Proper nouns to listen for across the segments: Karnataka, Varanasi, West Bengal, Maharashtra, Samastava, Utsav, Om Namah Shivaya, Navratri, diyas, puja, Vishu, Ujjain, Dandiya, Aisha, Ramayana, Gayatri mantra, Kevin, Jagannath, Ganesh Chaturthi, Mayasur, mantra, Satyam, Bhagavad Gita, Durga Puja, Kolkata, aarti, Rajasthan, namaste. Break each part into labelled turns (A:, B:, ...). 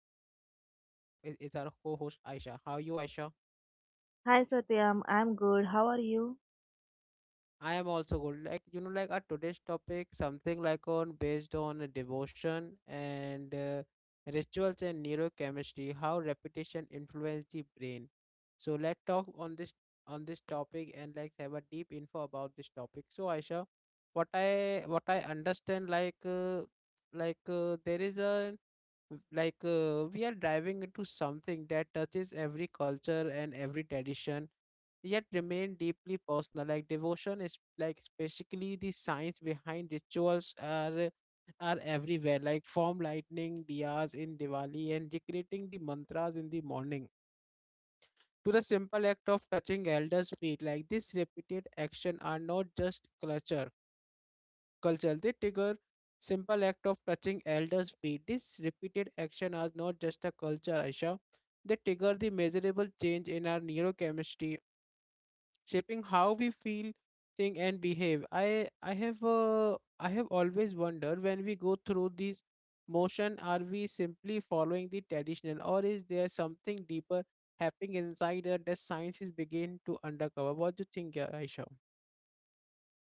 A: with me is our co-host Aisha. How are you, Aisha?
B: Hi Satyam, I'm good. How are you?
A: I am also good. Our today's topic something on based on devotion and rituals and neurochemistry, how repetition influence the brain. So let's talk on this topic and have a deep info about this topic. So Aisha, what I understand there is a w- like we are diving into something that touches every culture and every tradition, yet remain deeply personal. Like devotion is like basically the science behind rituals are everywhere, like form lightning diyas in diwali and recreating the mantras in the morning, to the simple act of touching elders feet. Like this repeated action are not just culture. They trigger simple act of touching elders' feet. This repeated action are not just a culture, Aisha. They trigger the measurable change in our neurochemistry, shaping how we feel, think, and behave. I have always wondered when we go through these motion, are we simply following the traditional, or is there something deeper happening inside us that science is beginning to uncover? What do you think, Aisha?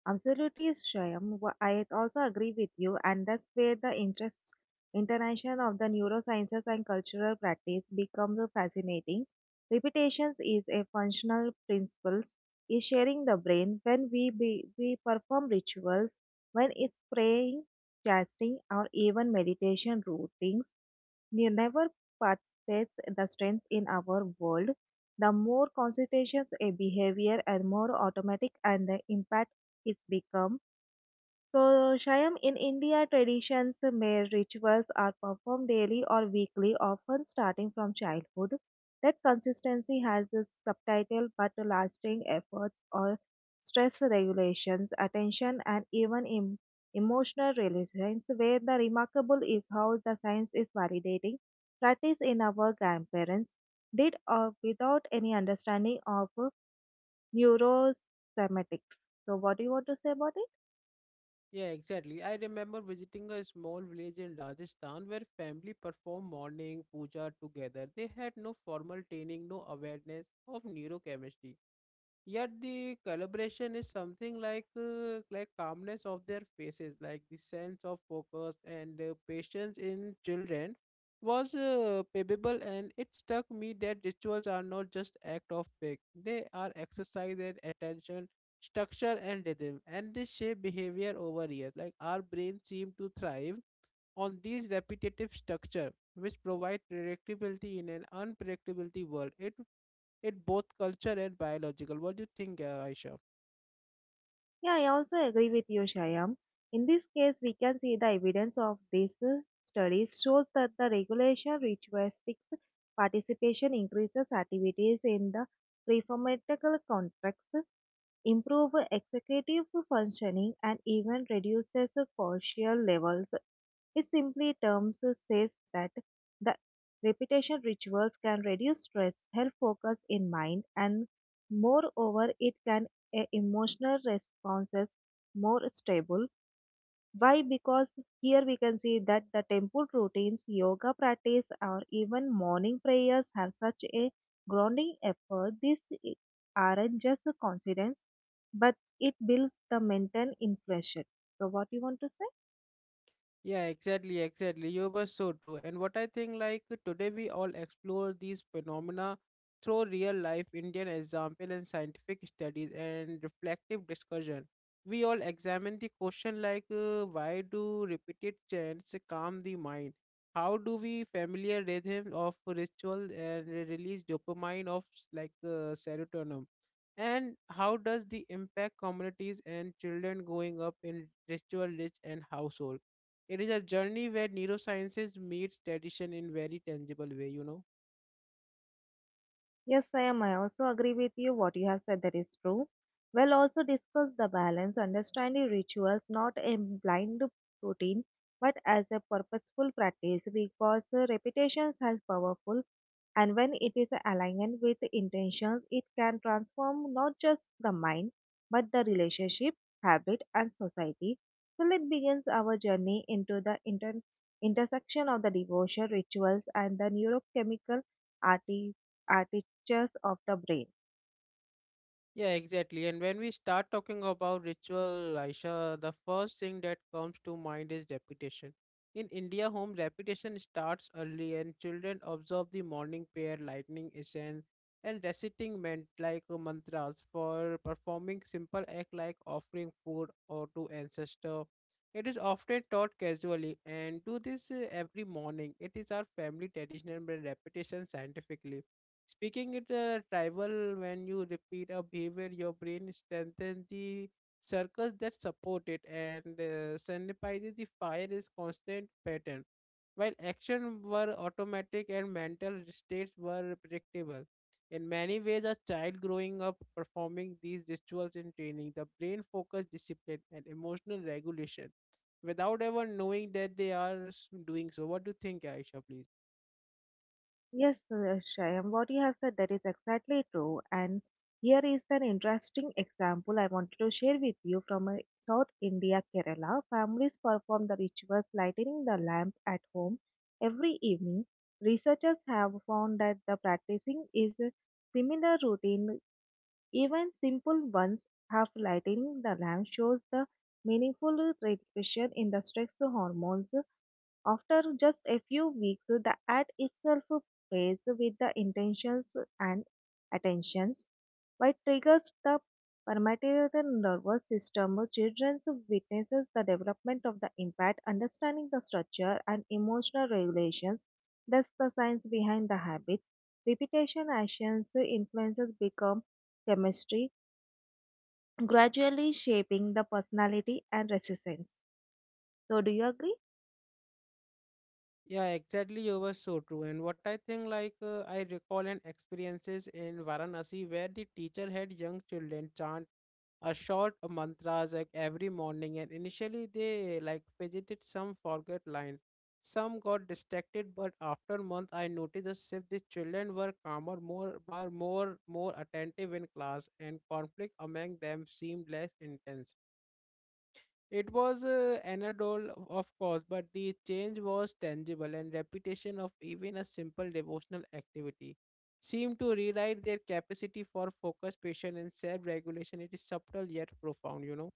B: Absolutely, Shyam. I also agree with you, and that's where the interest internation of the neurosciences and cultural practice becomes fascinating. Repetitions is a functional principle, is sharing the brain when we perform rituals, when it's praying, fasting, or even meditation routines. The never participates the strengths in our world. The more concentrations a behavior and more automatic and the impact is become so, Shyam, in India, traditions, marriage rituals are performed daily or weekly, often starting from childhood. That consistency has a subtitle but lasting efforts or stress regulations, attention, and even emotional resilience. Where the remarkable is how the science is validating practice in our grandparents did without any understanding of neurosemiatics. So, what do you want to say about it?
A: Yeah, exactly. I remember visiting a small village in Rajasthan where family performed morning puja together. They had no formal training, no awareness of neurochemistry. Yet the calibration is something like calmness of their faces, like the sense of focus and patience in children was palpable, and it struck me that rituals are not just act of faith; they are exercise and attention, structure and rhythm, and this shape behavior over years. Like our brain seem to thrive on these repetitive structure, which provide predictability in an unpredictability world. It in both culture and biological. What do you think, Aisha?
B: Yeah, I also agree with you, Shyam. In this case, we can see the evidence of these studies shows that the regulation ritualistic participation increases activities in the reformatical context, improve executive functioning, and even reduces cortisol levels it simply terms says that the repetition rituals can reduce stress, help focus in mind, and moreover, it can a emotional responses more stable. Why? Because here we can see that the temple routines, yoga practice, or even morning prayers have such a grounding effort. Aren't just a coincidence, but it builds the mental inflation. So, what you want to say?
A: Yeah, exactly. You were so true. And what I think, like, today we all explore these phenomena through real life Indian example and scientific studies and reflective discussion. We all examine the question like, why do repeated chants calm the mind? How do we familiar rhythms of ritual and release dopamine of serotonin? And how does the impact communities and children growing up in ritual rich and household? It is a journey where neurosciences meets tradition in very tangible way, you know.
B: Yes, I am. I also agree with you. What you have said that is true. We'll also discuss the balance, understanding rituals not a blind routine, but as a purposeful practice because repetitions are powerful, and when it is aligned with intentions, it can transform not just the mind but the relationship, habit, and society. So let begins our journey into the intersection of the devotion rituals and the neurochemical arti- architectures of the brain.
A: Yeah, exactly. And when we start talking about ritual, Aisha, the first thing that comes to mind is repetition. In India, home repetition starts early, and children observe the morning prayer, lightning essence, and reciting meant like mantras for performing simple act like offering food or to ancestor. It is often taught casually and do this every morning. It is our family tradition and repetition scientifically. Speaking it tribal, when you repeat a behavior, your brain strengthens the circles that support it and synthesizes the fire is constant pattern. While action were automatic and mental states were predictable. In many ways, a child growing up performing these rituals in training, the brain focus discipline and emotional regulation without ever knowing that they are doing so. What do you think, Aisha, please?
B: Yes, Shyam, what you have said that is exactly true. And here is an interesting example I wanted to share with you from South India, Kerala. Families perform the rituals lighting the lamp at home every evening. Researchers have found that the practicing is a similar routine, even simple ones. Half lighting the lamp shows the meaningful reduction in the stress hormones after just a few weeks, the ad itself plays with the intentions and attentions, which triggers the permeated nervous system. Children witnesses the development of the impact, understanding the structure and emotional regulations. That's the science behind the habits. Repetition actions influences become chemistry, gradually shaping the personality and resistance. So, do you agree?
A: Yeah, exactly. You were so true. And what I think, like, I recall an experiences in Varanasi where the teacher had young children chant a short mantras like every morning, and initially they like fidgeted, some forgot lines, some got distracted. But after month, I noticed a shift. The children were calmer, more attentive in class, and conflict among them seemed less intense. It was anodal, of course, but the change was tangible, and repetition of even a simple devotional activity seemed to rewrite their capacity for focus, patience, and self-regulation. It is subtle yet profound, you know.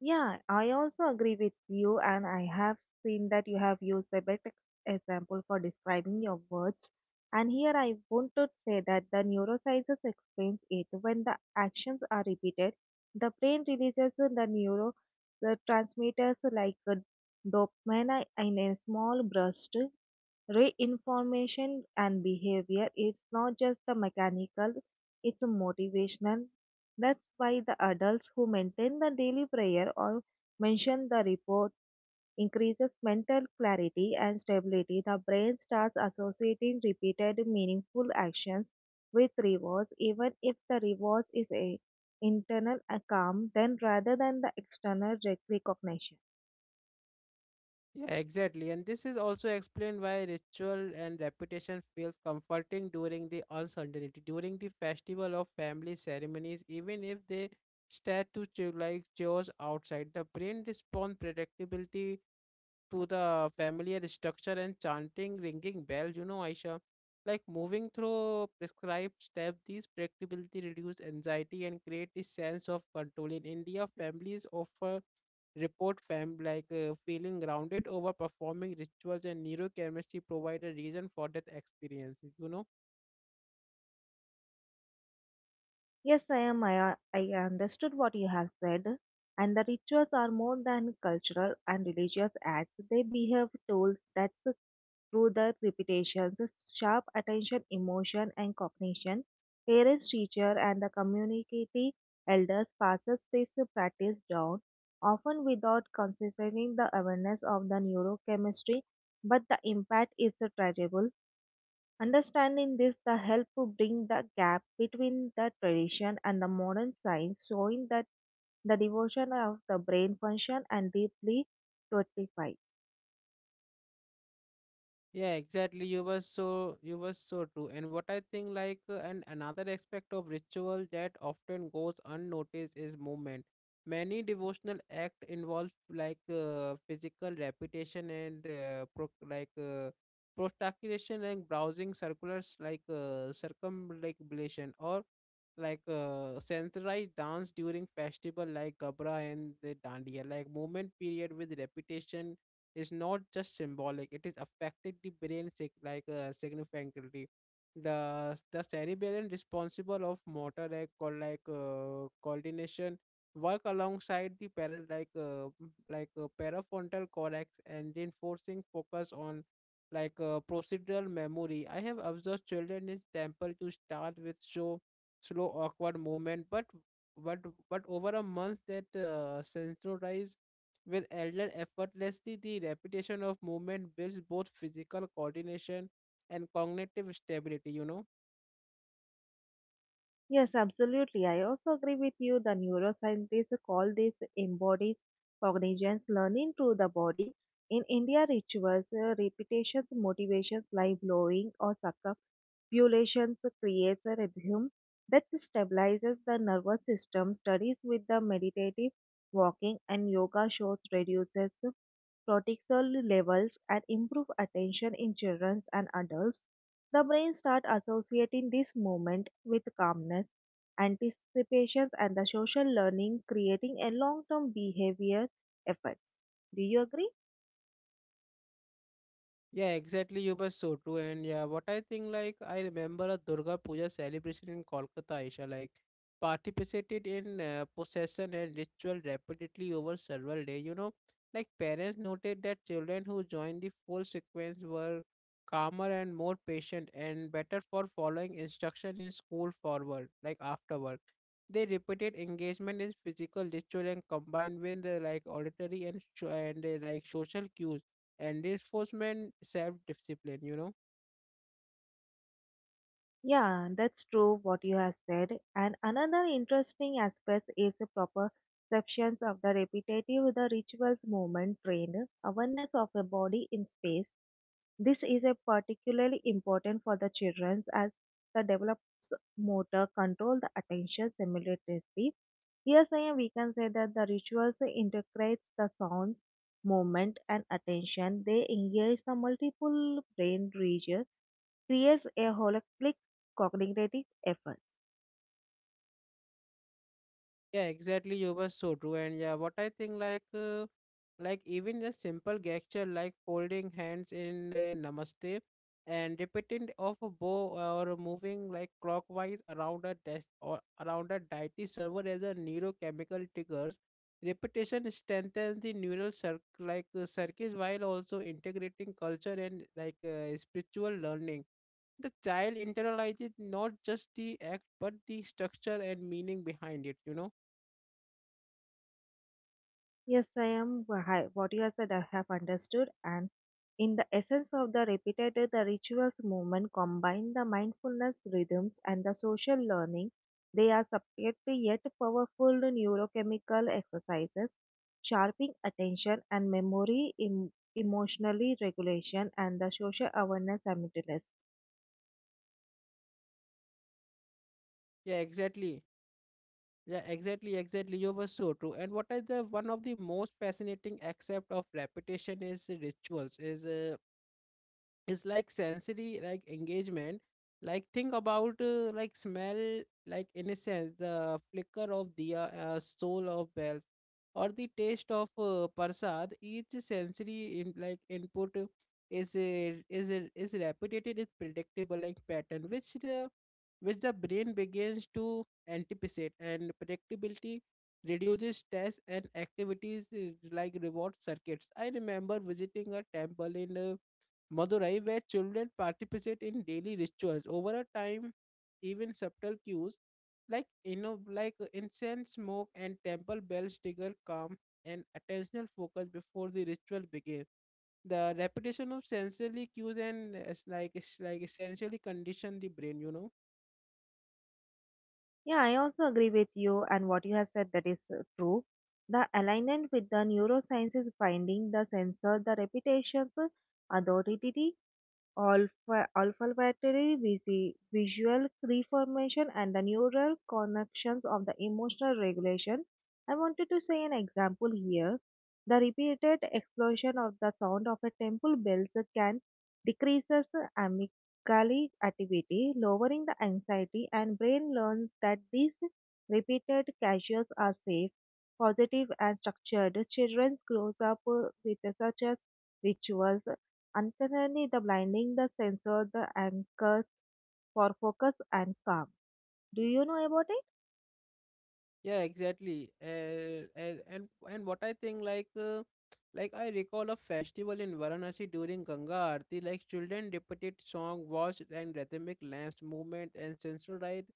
B: Yeah, I also agree with you, and I have seen that you have used a better example for describing your words. And here I want to say that the neurosciences explains it. When the actions are repeated, the brain releases the transmitters like dopamine in a small burst, reinformation, and behavior is not just the mechanical, it's a motivational. That's why the adults who maintain the daily prayer or mention the report increases mental clarity and stability. The brain starts associating repeated meaningful actions with rewards, even if the rewards is a internal calm, then rather than the external recognition.
A: Yeah, exactly. And this is also explained why ritual and repetition feels comforting during the uncertainty, during the festival of family ceremonies, even if they start to chew like chores outside. The brain responds predictability to the familiar structure and chanting ringing bells, you know, Aisha. Like moving through prescribed steps, these predictability reduce anxiety and create a sense of control. In India, families often report fam like feeling grounded over performing rituals, and neurochemistry provide a reason for that experience, you know.
B: Yes, I am. I understood what you have said. And the rituals are more than cultural and religious acts. They behave tools that through the repetitions, sharp attention, emotion, and cognition. Parents, teacher, and the community elders passes this practice down, often without considering the awareness of the neurochemistry. But the impact is tangible. Understanding this, the help to bring the gap between the tradition and the modern science, showing that the devotion of the brain function and deeply fortified.
A: Yeah, exactly. You were so true. And what I think, like, and another aspect of ritual that often goes unnoticed is movement. Many devotional act involve physical repetition and prostratation and browsing circulars circumambulation or centralized dance during festival like Gabra and the Dandiya. Like movement period with repetition is not just symbolic, it is affected the brain significantly. The cerebellum responsible of motor like called like coordination work alongside the paral like m- like parafrontal cortex and reinforcing focus on procedural memory. I have observed children in temple to start with show slow awkward movement, but but over a month that sensorize with Elder effortlessly, the repetition of movement builds both physical coordination and cognitive stability, you know.
B: Yes, absolutely. I also agree with you. The neuroscientists call this embodies cognition's learning through the body. In India, rituals, repetitions, motivations, like blowing or circumambulations creates a rhythm that stabilizes the nervous system. Studies with the meditative walking and yoga shows reduces cortisol levels and improve attention in children and adults. The brain starts associating this moment with calmness, anticipations, and the social learning, creating a long term behavior effects. Do you agree?
A: Yeah, exactly. You were so true. And yeah, what I think, like, I remember a Durga Puja celebration in Kolkata, Aisha, like, participated in procession and ritual repeatedly over several days. You know, like, parents noted that children who joined the full sequence were calmer and more patient and better for following instruction in school forward, like, afterward. They repeated engagement in physical ritual and combined with, like, auditory and, like, social cues and reinforcement self-discipline, you know.
B: Yeah, that's true what you have said. And another interesting aspect is the proper perceptions of the repetitive, the rituals movement trained awareness of a body in space. This is a particularly important for the children as the develops motor control the attention simultaneously. Here, saying we can say that the rituals integrates the sounds, movement, and attention. They engage the multiple brain regions creates a holistic cognitive efforts.
A: Yeah, exactly. You were so true. And yeah, what I think, like, even the simple gesture like folding hands in a namaste and repeating of a bow, or moving like clockwise around a desk or around a deity, server as a neurochemical triggers. Repetition strengthens the neural circuits, while also integrating culture and spiritual learning. The child internalizes not just the act but the structure and meaning behind it, you know.
B: Yes, I am. What you have said, I have understood. And in the essence of the repetitive, the rituals movement combine the mindfulness rhythms and the social learning. They are subject to yet powerful neurochemical exercises, sharpening attention and memory, emotionally regulation, and the social awareness simultaneously.
A: Yeah exactly yeah exactly exactly You were so true. And what is the one of the most fascinating aspect of repetition is rituals is it's like sensory like engagement. Like think about like smell, like innocence, the flicker of the soul of bells, or the taste of prasad. Each sensory in, like input is repeated, is predictable like pattern, which the brain begins to anticipate, and predictability reduces stress and activities like reward circuits. I remember visiting a temple in Madurai, where children participate in daily rituals over a time, even subtle cues like you know, incense smoke and temple bells trigger calm and attentional focus before the ritual begins. The repetition of sensory cues and essentially condition the brain, you know.
B: Yeah, I also agree with you, and what you have said that is true. The alignment with the neuroscience is finding the sensor, the reputations, authority, olfactory visual reformation, and the neural connections of the emotional regulation. I wanted to say an example here. The repeated explosion of the sound of a temple bells can decreases amygdala activity, lowering the anxiety, and brain learns that these repeated casuals are safe, positive, and structured. Children grows up with such as rituals unfairly, the blinding, the sensor, the anchors for focus and calm. Do you know about it?
A: Yeah, exactly. And what I think, like I recall a festival in varanasi during ganga aarti, like children repeated song watched and rhythmic lance movement and sensual ride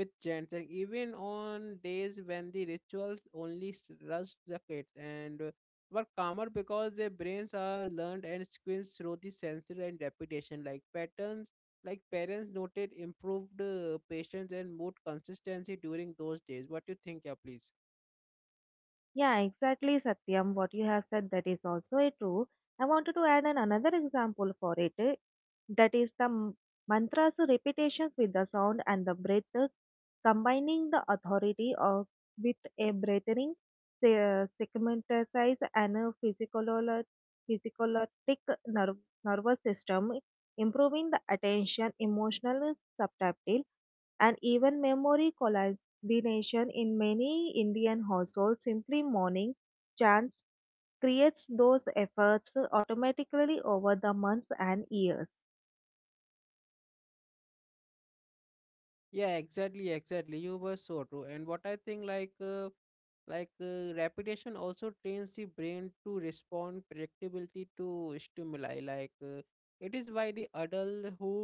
A: with chants, and even on days when the rituals rushed the kids and were calmer because their brains are learned and squints through the sensory and repetition like patterns. Like parents noted improved patience and mood consistency during those days. What do you think, yeah, please?
B: Yeah, exactly, Satyam. What you have said that is also a true. I wanted to add an another example for it. That is the mantras repetitions with the sound and the breath, combining the authority of with a breathing segmentize and a physical physiologic nerve, nervous system, improving the attention, emotional subtactile, and even memory the in many Indian households simply morning chants creates those efforts automatically over the months and years.
A: Yeah, exactly. You were so true. And what I think, repetition also trains the brain to respond predictability to stimuli. It is why the adult who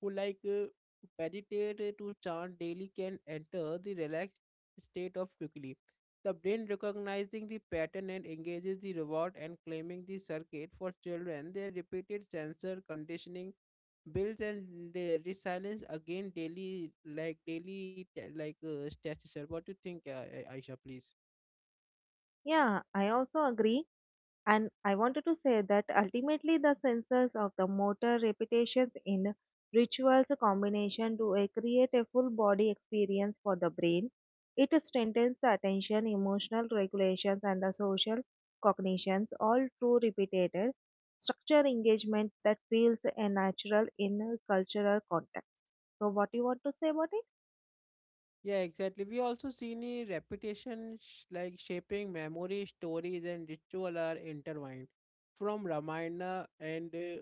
A: who like uh, meditate to chant daily can enter the relaxed state of quickly. The brain recognizing the pattern and engages the reward and claiming the circuit. For children, their repeated sensor conditioning builds and resilience again daily, like stature. What do you think, aisha, please?
B: Yeah, I also agree. And I wanted to say that ultimately the senses of the motor repetitions in rituals combination to a create a full body experience for the brain. It strengthens the attention, emotional regulations, and the social cognitions, all through repeated structure engagement that feels a natural in a cultural context. So, what do you want to say about it?
A: Yeah, exactly. We also seen a reputation shaping memory. Stories and ritual are intertwined from Ramayana and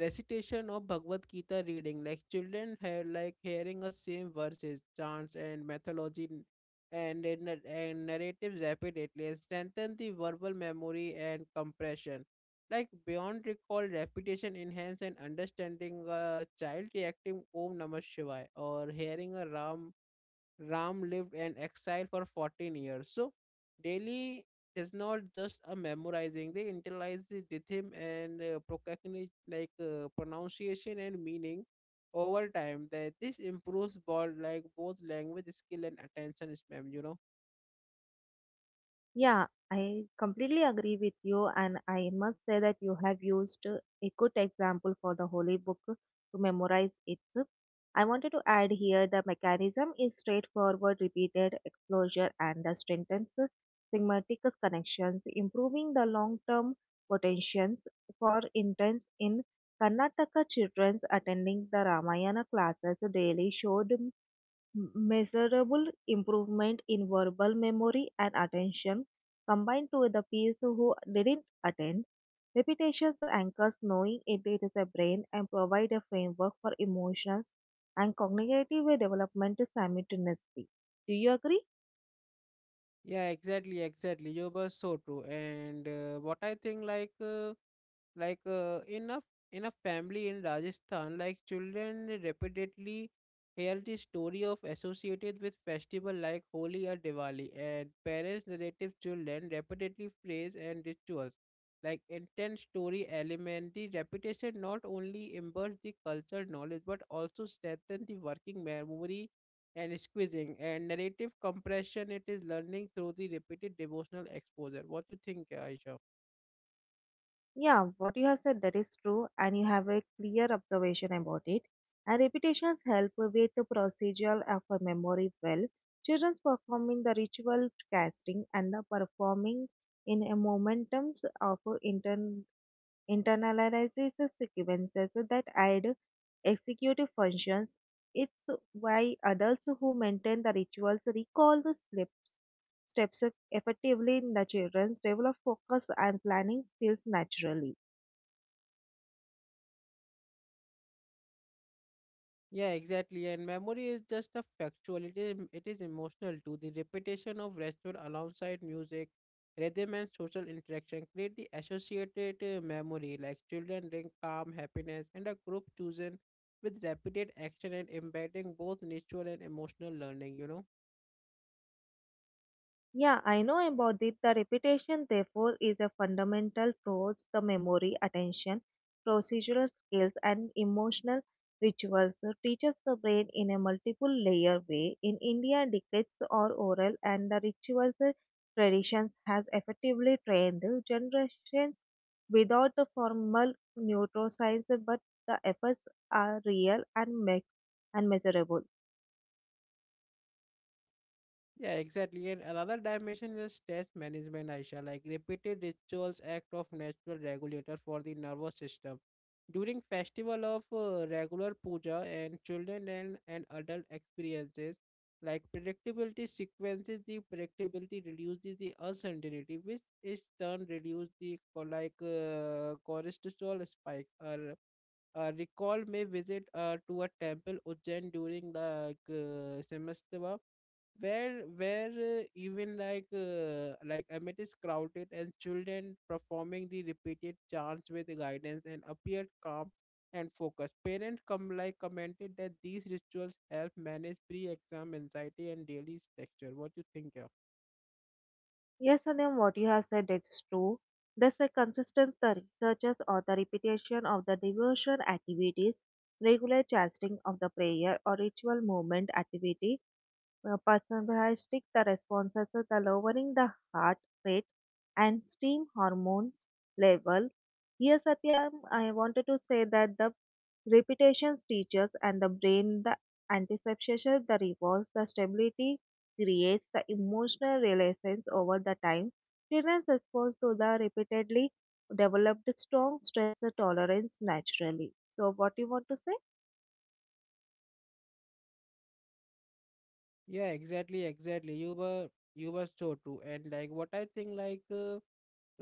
A: recitation of Bhagavad Gita reading. Like children have like hearing the same verses, chants, and mythology and narratives repeatedly and strengthen the verbal memory and compression. Like beyond recall, repetition enhance and understanding. A child reacting Om Namah Shivaya or hearing a Ram lived in exile for 14 years. So, Delhi is not just a memorizing, they internalize the rhythm and procrastinate like pronunciation and meaning over time. That this improves both language skill and attention span, you know.
B: Yeah, I completely agree with you, and I must say that you have used a good example for the holy book to memorize it. I wanted to add here the mechanism is straightforward, repeated exposure, and the strengthens semantic connections, improving the long term potentials for interest in Karnataka children attending the Ramayana classes daily showed measurable improvement in verbal memory and attention combined to the peers who didn't attend. Repetitions anchors knowing it is a brain and provide a framework for emotions and cognitive development simultaneously. Do you agree?
A: Yeah, exactly. You were so true. And what I think, like, like uh, in a in a family in Rajasthan, like children repeatedly hear the story of associated with festival like Holi or Diwali, and parents narrative children repeatedly phrase and rituals like intense story element. The repetition not only immerse the cultural knowledge but also strengthen the working memory and squeezing and narrative compression. It is learning through the repeated devotional exposure. What do you think, Aisha?
B: Yeah, what you have said that is true, and you have a clear observation about it. And repetitions help with the procedural of a memory well. Children performing the ritual casting and the performing in a momentums of intern internalizes the sequences that add executive functions. It's why adults who maintain the rituals recall the slips steps effectively in the children's develop focus and planning skills naturally.
A: Yeah, exactly. And memory is just a factual. It is emotional too. The repetition of restaurant alongside music, rhythm, and social interaction create the associated memory. Like children drink calm, happiness, and a group chosen with repeated action and embedding both natural and emotional learning. You know.
B: Yeah, I know about it. The repetition, therefore, is a fundamental force the memory, attention, procedural skills, and emotional rituals. So teaches the brain in a multiple layer way. In India, decades are oral, and the rituals traditions has effectively trained generations without a formal neuroscience, but the efforts are real and measurable.
A: Yeah, exactly. And another dimension is stress management, Aisha. Like repeated rituals act of natural regulator for the nervous system. During festival of regular puja and children and adult experiences, like predictability sequences, the predictability reduces the uncertainty, which is turn reduce the cortisol spike. Or recall my visit to a temple Ujjain during Samastava, where even like Amit is crowded and children performing the repeated chants with guidance and appeared calm and focused. Parents come like commented that these rituals help manage pre-exam anxiety and daily texture. What you think, yeah?
B: Yes, Satyam, what you have said is true. There's a consistency the researchers or the repetition of the devotion activities, regular chanting of the prayer or ritual movement activity, personalistic the responses, the lowering the heart rate and steam hormones level. Yes, Satyam, I wanted to say that the repetitions teaches and the brain the anticipation, the rewards, the stability creates the emotional relations over the time. Children's response to the repeatedly developed strong stress tolerance naturally. So what you want to say?
A: Yeah, exactly, exactly. You were so true. And like what I think, like. Uh,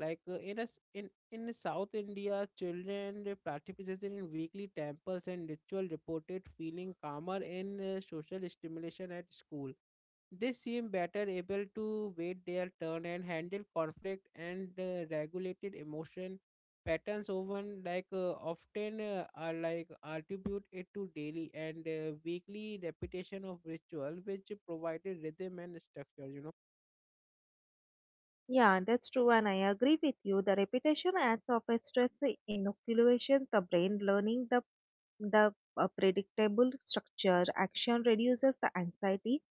A: Like uh, In us in South India, children participated in weekly temples and ritual reported feeling calmer in social stimulation at school. They seem better able to wait their turn and handle conflict and regulated emotion patterns often are like attribute it to daily and weekly repetition of ritual which provided rhythm and structure. You know.
B: Yeah, that's true, and I agree with you. The repetition adds of a stress inoculation, the brain learning the predictable structure. Action reduces the anxiety.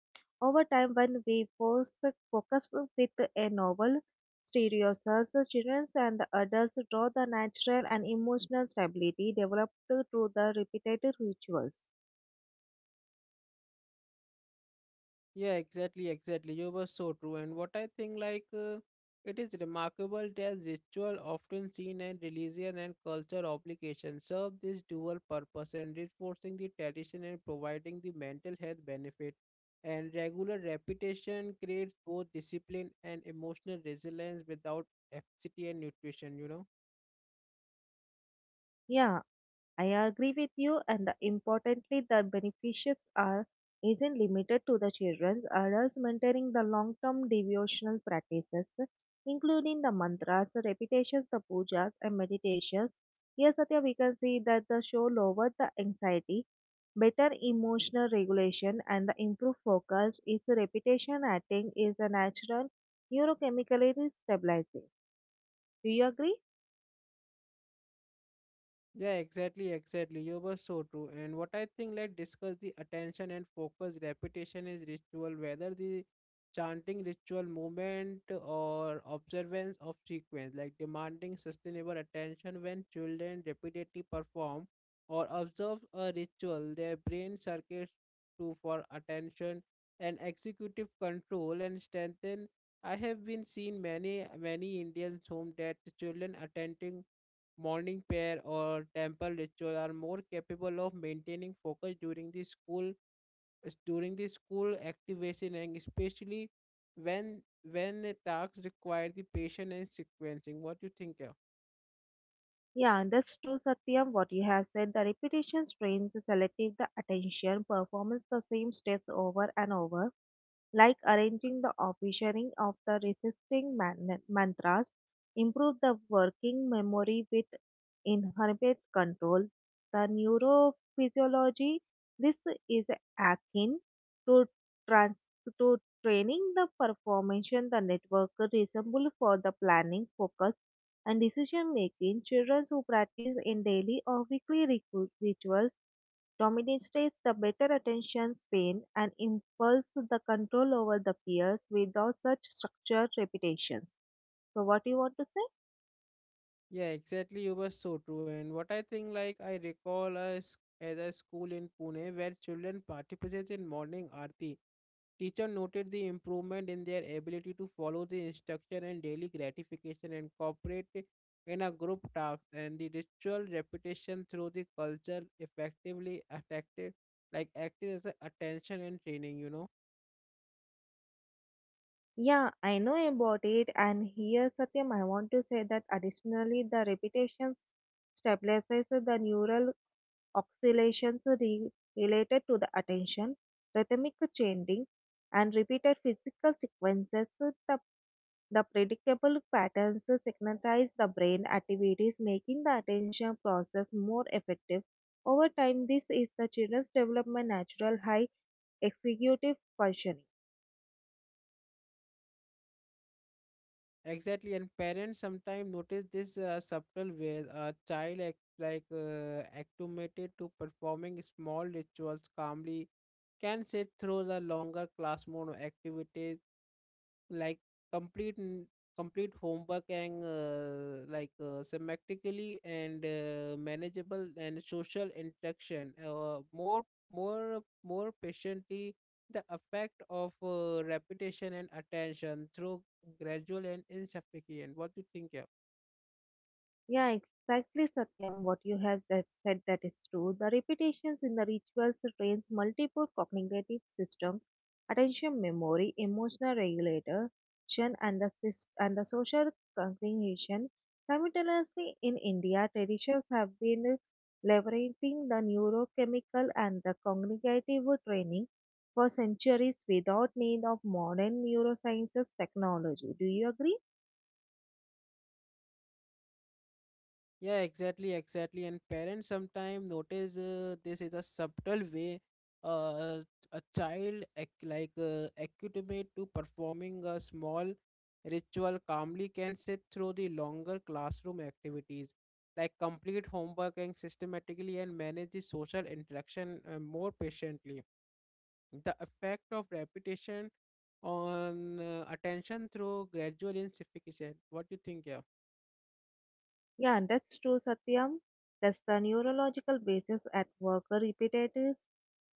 B: Over time, when we force focus with a novel stereosis, the children and the adults draw the natural and emotional stability developed through the repeated rituals.
A: Yeah, exactly, exactly. You were so true. And what I think, like, it is remarkable that ritual, often seen in religion and culture obligations, serve this dual purpose and reinforcing the tradition and providing the mental health benefit. And regular repetition creates both discipline and emotional resilience without apathy and nutrition, you know.
B: Yeah. I agree with you, and the, importantly, the benefits are isn't limited to the children. Adults maintaining the long-term devotional practices, including the mantras, repetitions, the pujas, and meditations. Here, Satya, we can see that the show lowered the anxiety, better emotional regulation, and the improved focus. Its repetition acting is a natural neurochemically stabilizing. Do you agree?
A: Yeah, exactly, exactly. You were so true. And what I think, like, discuss the attention and focus. Repetition is ritual, whether the chanting ritual movement or observance of sequence, like demanding sustainable attention when children repeatedly perform or observe a ritual, their brain circuits to for attention and executive control and strengthen. I have been seen many Indians home that children attending morning prayer or temple ritual are more capable of maintaining focus during the school activation and especially when when the tasks require the patient and sequencing. What do you think, yeah?
B: Yeah, and that's true, Satyam. What you have said, the repetition strains the selective the attention, performance the same steps over and over, like arranging the officiating of the resisting man- mantras, improve the working memory with inherent control. The neurophysiology, this is akin to trans to training the performance the network resemble for the planning focus and decision making, children who practice in daily or weekly ritu- rituals dominates the better attention span and impulse the control over the peers without such structured repetitions. So, what you want to say?
A: Yeah, exactly, you were so true. And what I think, like, I recall us as a school in Pune where children participated in morning aarti. Teacher noted the improvement in their ability to follow the instruction and daily gratification and cooperate in a group task and the ritual repetition through the culture effectively affected like acted as a attention and training. You know.
B: Yeah, I know about it, and here, Satyam, I want to say that additionally, the repetitions stabilizes the neural oscillations re- related to the attention, rhythmic chanting, and repeated physical sequences. The The predictable patterns synchronize the brain activities, making the attention process more effective. Over time, this is the children's development natural high executive functioning.
A: Exactly, and parents sometimes notice this subtle ways a child act, like acclimated to performing small rituals calmly can sit through the longer classroom activities, like complete n- complete homework and thematically and manageable and social interaction uh, more patiently. The effect of repetition and attention through gradual and insufficient. What do you think, yeah?
B: Yeah, exactly, Satyam. What you have said that is true. The repetitions in the rituals trains multiple cognitive systems, attention, memory, emotional regulation, and the sys- and the social cognition. Simultaneously, in India, traditions have been leveraging the neurochemical and the cognitive training for centuries without need of modern neurosciences technology. Do you agree?
A: Yeah, exactly, exactly. And parents sometimes notice this is a subtle way uh, a child accustomate to performing a small ritual calmly can sit through the longer classroom activities, like complete homework and systematically and manage the social interaction more patiently. The effect of repetition on attention through gradual intensification. What do you think, yeah?
B: Yeah, that's true, Satyam. That's the neurological basis at work. Repetitive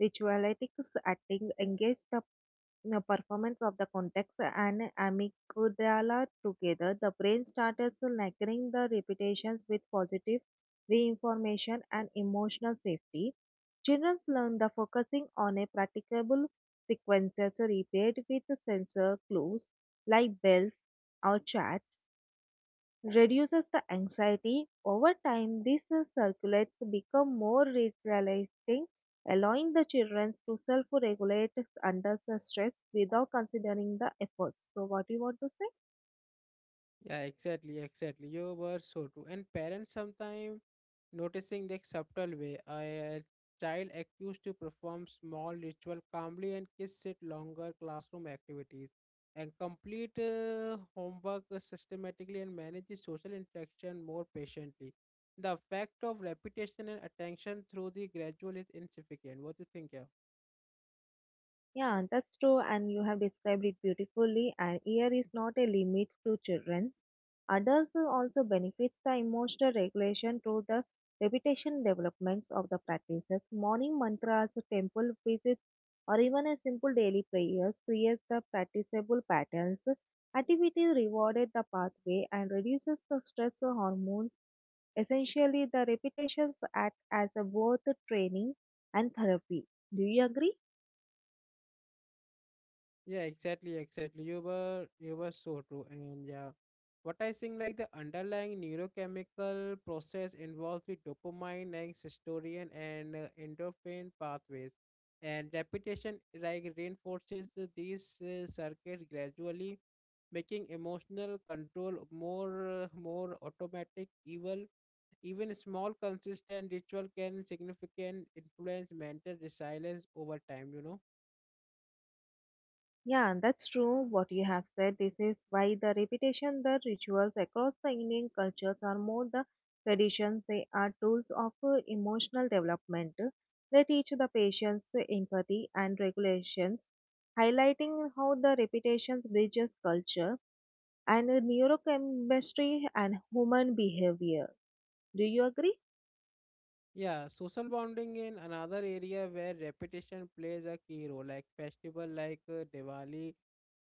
B: ritualistics acting engage the performance of the context and amygdala together. The brain starts linking the repetitions with positive reinformation and emotional safety. Children learn the focusing on a practicable sequences repeated with sensor clues like bells or chats reduces the anxiety. Over time, these circulates become more realistic, allowing the children to self regulate under the stress without considering the efforts. So, what do you want to say?
A: Yeah, exactly, exactly. You were so true. And parents sometimes noticing the subtle way a child accused to perform small ritual calmly and kids sit longer classroom activities and complete homework systematically and manage the social interaction more patiently. The effect of repetition and attention through the gradual is insignificant. What do you think, yeah?
B: Yeah, that's true, and you have described it beautifully. And here is not a limit to children. Adults also benefits the emotional regulation through the repetition developments of the practices. Morning mantras, temple visits, or even a simple daily prayers creates the practicable patterns. Activity rewarded the pathway and reduces the stress hormones. Essentially, the repetitions act as a both training and therapy. Do you agree?
A: Yeah, exactly, exactly. You were so true. And yeah, what I think like the underlying neurochemical process involves with dopamine like cysteine and endorphin pathways. And repetition like reinforces these circuits gradually, making emotional control more automatic. Even small consistent ritual can significant influence mental resilience over time. You know.
B: Yeah, that's true what you have said. This is why the repetition, the rituals across the Indian cultures are more the traditions. They are tools of emotional development. They teach the patience, empathy and regulations, highlighting how the repetition bridges culture and neurochemistry and human behavior. Do you agree?
A: Yeah, social bonding in another area where repetition plays a key role, like festival like Diwali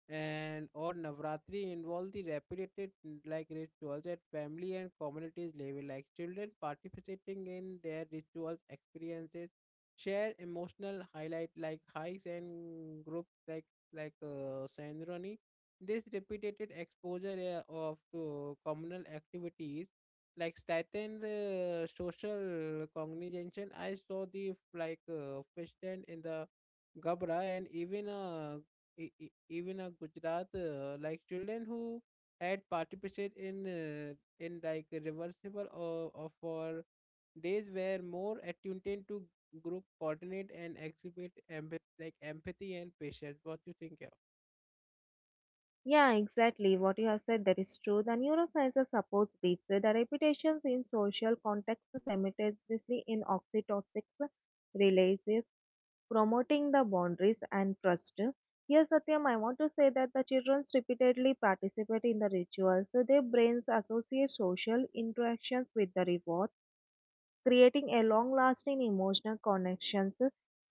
A: and or Navratri involve the repeated like rituals at family and communities level, like children participating in their rituals experiences, share emotional highlight like hikes and groups like Sanrani. This repeated exposure of to communal activities like Staten social cognition, I saw the fish tent in the Gabra and even even a Gujarat like children who had participated in like reversible or for days were more attuned to group coordinate and exhibit empathy and patience. What do you think, yeah?
B: Yeah, exactly. What you have said that is true. The neurosciences supports this. The repetitions in social contexts simultaneously in oxytocic releases, promoting the boundaries and trust. Yes, Satyam, I want to say that the children repeatedly participate in the rituals. Their brains associate social interactions with the reward, creating a long-lasting emotional connections.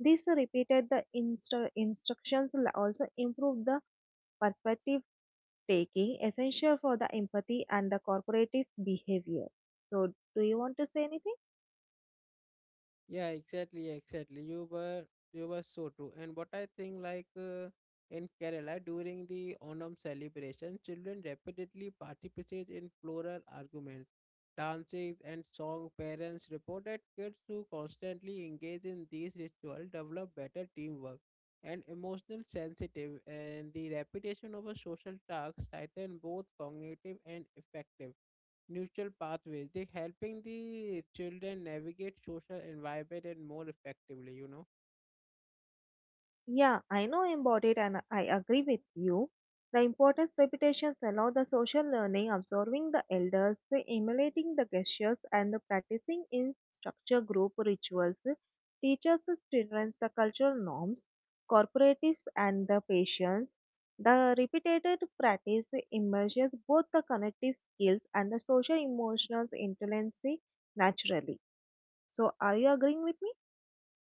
B: This repeated the instru- instructions also improve the perspective taking essential for the empathy and the corporative behavior. So, do you want to say anything?
A: Yeah, exactly, exactly. You were so true. And what I think, like in Kerala during the Onam celebration, children repeatedly participate in plural arguments, dances, and song. Parents reported kids who constantly engage in these rituals develop better teamwork and emotional sensitive. And the repetition of a social task strengthen both cognitive and effective neutral pathways. They're helping the children navigate social environment and more effectively, you know.
B: Yeah, I know about it and I agree with you. The importance repetitions allow the social learning, observing the elders, emulating the gestures, and the practicing in structure group rituals teaches the children the cultural norms, cooperatives, and the patience. The repeated practice emerges both the cognitive skills and the social emotional intelligence naturally. So, are you agreeing with me?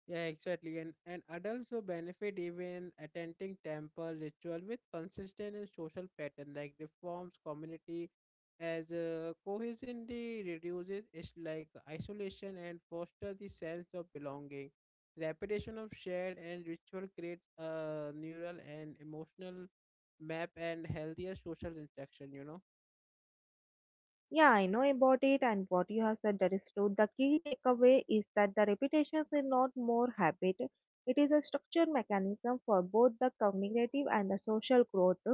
A: Yeah, exactly. And adults will benefit even attending temple ritual with consistent and social pattern like reforms community as cohesion they reduces is like isolation and foster the sense of belonging. Repetition of shared and ritual creates a neural and emotional map and healthier social interaction, you know.
B: Yeah, I know about it, and what you have said that is true. The key takeaway is that the repetitions is not more habit; it is a structured mechanism for both the cognitive and the social growth.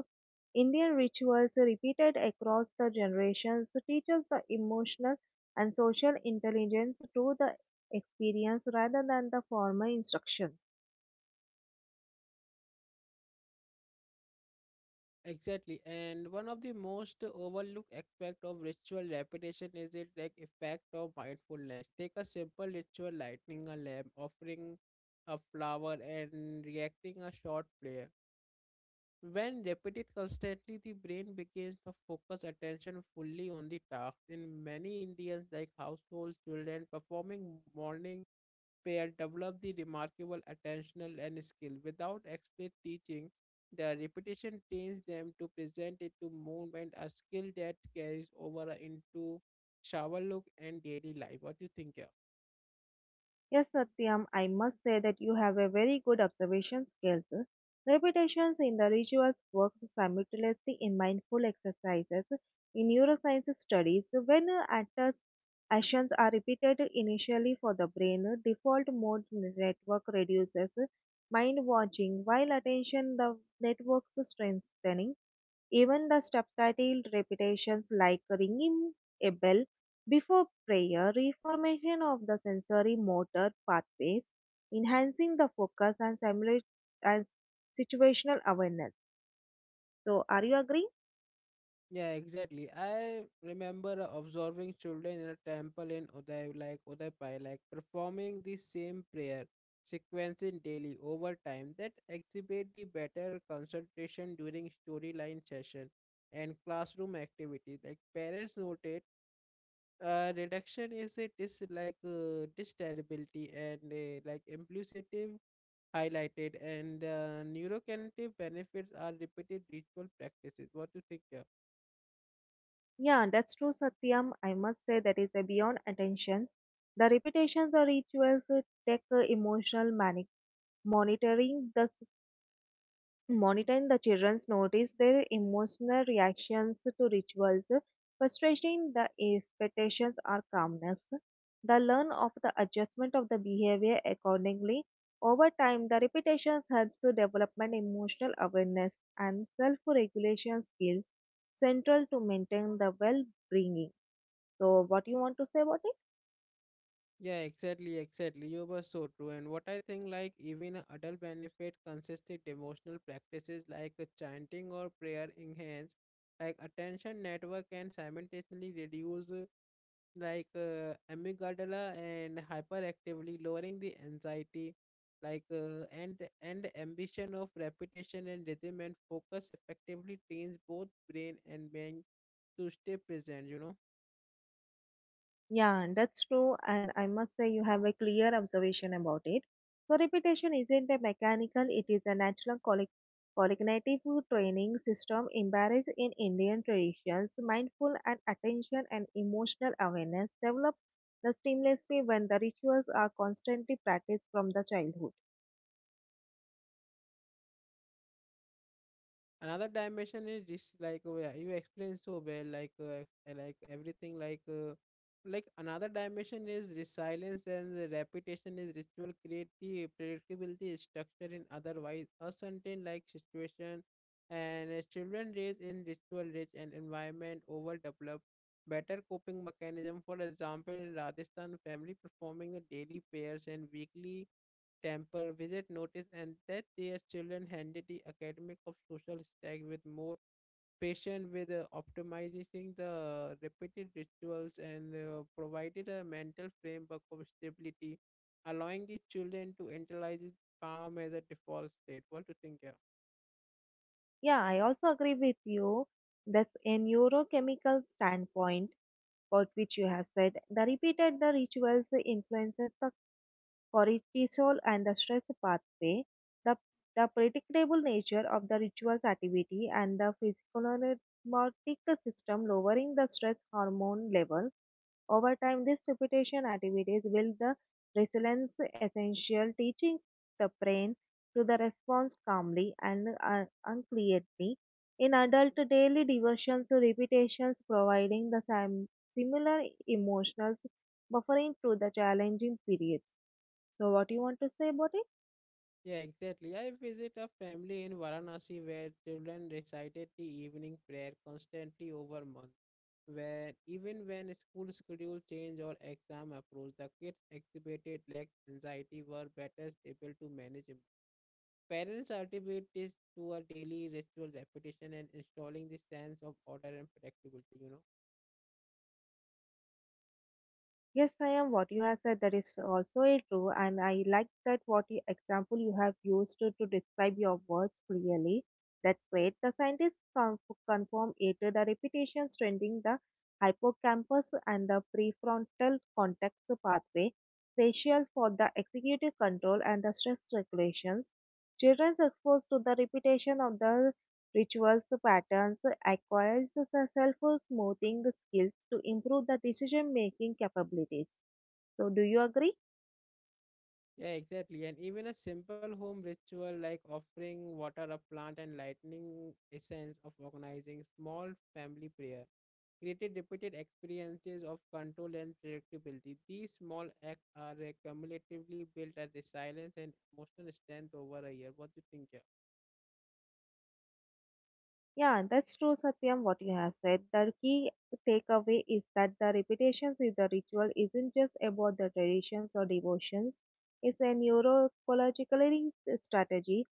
B: Indian rituals repeated across the generations teaches the emotional and social intelligence through the experience rather than the formal instruction.
A: Exactly, and one of the most overlooked aspect of ritual repetition is it like effect of mindfulness. Take a simple ritual, lighting a lamp, offering a flower, and reacting a short prayer. When repeated constantly, the brain begins to focus attention fully on the task. In many Indians, like household children, performing morning pair develop the remarkable attentional and skill without explicit teaching. The repetition trains them to present it to movement, a skill that carries over into shower look and daily life. What do you think, yeah?
B: Yes, Satyam, I must say that you have a very good observation skills. Repetitions in the rituals work simultaneously in mindful exercises. In neuroscience studies, when actors' actions are repeated initially for the brain, default mode network reduces mind watching, while attention the network's strengthening. Even the subtitled repetitions like ringing a bell before prayer, reformation of the sensory motor pathways, enhancing the focus and simulate and situational awareness. So, are you agreeing?
A: Yeah, exactly. I remember observing children in a temple in Uday, like Udaipur, like performing the same prayer sequence in daily over time that exhibit the better concentration during storyline session and classroom activity. Like parents noted, reduction is a dis like desirability and like impulsive highlighted, and neurocognitive benefits are repeated ritual practices. What do you think? Yeah.
B: Yeah, that's true, Satyam. I must say that is a beyond attentions. The repetitions or rituals take emotional manic monitoring the s- monitoring the children's notice their emotional reactions to rituals, frustrating the expectations or calmness. The learn of the adjustment of the behavior accordingly. Over time, the repetitions help to development emotional awareness and self-regulation skills central to maintain the well-being. So, what you want to say about it?
A: Yeah, exactly, exactly. You were so true. And what I think, like, even a adult benefit consistent devotional practices like chanting or prayer enhance, like, attention network and simultaneously reduce, amygdala and hyperactively lowering the anxiety, and ambition of repetition and rhythm and focus effectively trains both brain and mind to stay present, you know.
B: Yeah, that's true, and I must say you have a clear observation about it. So, repetition isn't a mechanical, it is a natural colli- cognitive training system embedded in Indian traditions. Mindful and attention and emotional awareness develop the seamlessly when the rituals are constantly practiced from the childhood.
A: Another dimension is this yeah, you explained so well like everything like like another dimension is resilience and the repetition is ritual creative predictability structure in otherwise uncertain like situation and children raised in ritual rich and environment overdevelop better coping mechanism. For example, in Rajasthan family performing the daily prayers and weekly temple visit notice and that their children handle the academic of social stack with more patient with optimizing the repeated rituals and provided a mental framework of stability allowing the children to internalize calm as a default state. What do you think, yeah?
B: Yeah, I also agree with you. That's a neurochemical standpoint, about which you have said. The repeated the rituals influences the cortisol and the stress pathway, the, the predictable nature of the ritual's activity, and the physiognomonic system lowering the stress hormone level. Over time, these repetition activities build the resilience essential, teaching the brain to the response calmly and unclearly. In adult daily diversions, to repetitions providing the sim- similar emotional buffering to the challenging periods. So, what do you want to say about it?
A: Yeah, exactly. I visit a family in Varanasi where children recited the evening prayer constantly over months. Where even when school schedule change or exam approach, the kids exhibited less anxiety were better able to manage emotion. Parents attribute this to a daily ritual repetition and installing the sense of order and predictability. You know.
B: Yes, I am. What you have said that is also a true, and I like that what you, example you have used to describe your words clearly. That's great. The scientists con- confirm it. The repetition strengthening the hippocampus and the prefrontal cortex pathway, crucial for the executive control and the stress regulations. Children exposed to the repetition of the Rituals patterns acquires the self-smoothing skills to improve the decision-making capabilities. So, do you agree?
A: Yeah, exactly. And even a simple home ritual like offering water a plant and lightning essence of organizing small family prayer created repeated experiences of control and predictability. These small acts are cumulatively built at resilience and emotional strength over a year. What do you think, yeah?
B: Yeah, that's true, Satyam, what you have said. The key takeaway is that the repetitions with the ritual isn't just about the traditions or devotions. It's a neuroecologically strategy.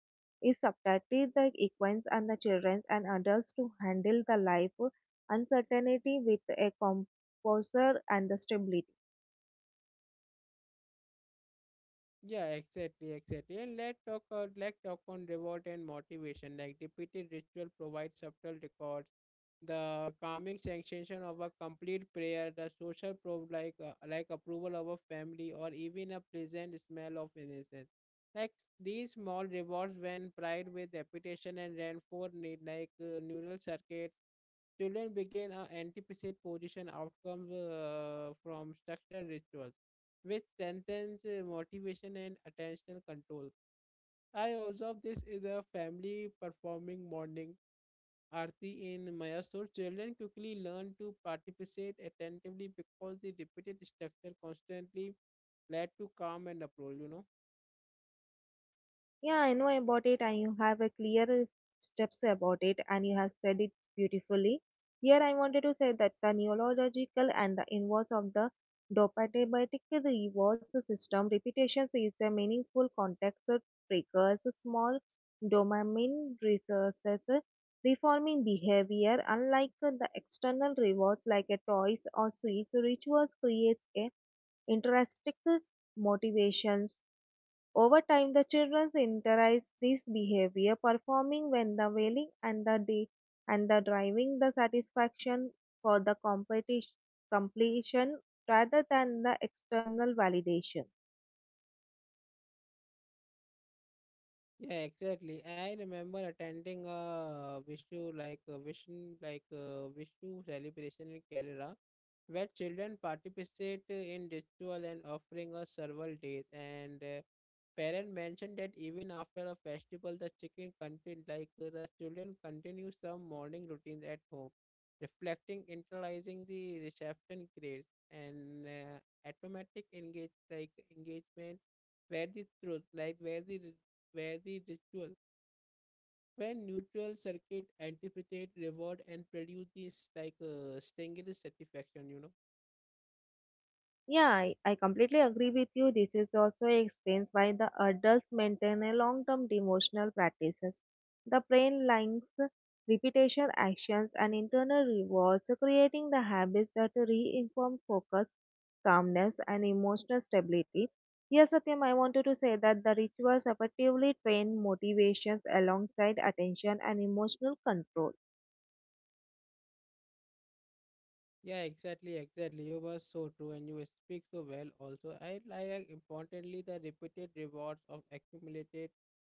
B: It subtly the equines and the children and adults to handle the life uncertainty with a composer and the stability.
A: Yeah, exactly, exactly. And let's talk on reward and motivation. Like repeated ritual provides subtle records, the calming sensation of a complete prayer, the social proof like approval of a family, or even a pleasant smell of innocence. Like these small rewards when paired with repetition and reinforced neural circuits. Children begin anticipate position outcomes from structured rituals, which strengthens motivation and attentional control. I observe this is a family performing morning arti in Mayasur. Children quickly learn to participate attentively because the repeated structure constantly led to calm and uproar. You know.
B: Yeah, I know about it, and you have a clear steps about it, and you have said it beautifully. Here, I wanted to say that the neurological and the inverse of the dopaminergic reward system repetitions is a meaningful context that triggers small dopamine resources, reforming behavior. Unlike the external rewards like a toys or sweets, rituals creates a intrinsic motivations over time, the children internalize this behavior, performing when the wailing and the de- and the driving the satisfaction for the competition completion rather than the external validation.
A: Yeah, exactly. I remember attending a Vishu like a Vishnu like a Vishu celebration in Kerala, where children participate in ritual and offering of several days. And parent mentioned that even after a festival, the chicken contin like the children continue some morning routines at home, reflecting internalizing the reception grades and automatic engagement where the truth like where the ritual where neutral circuit anticipate reward and produce this strangest satisfaction, you know.
B: Yeah, I completely agree with you. This is also explains why the adults maintain a long-term devotional practices. The brain links repetition actions and internal rewards, creating the habits that reinforce focus, calmness, and emotional stability. Yes, Satyam, I wanted to say that the rituals effectively train motivations alongside attention and emotional control.
A: Yeah, exactly, exactly. You were so true and you speak so well also. I like importantly the repeated rewards of accumulated,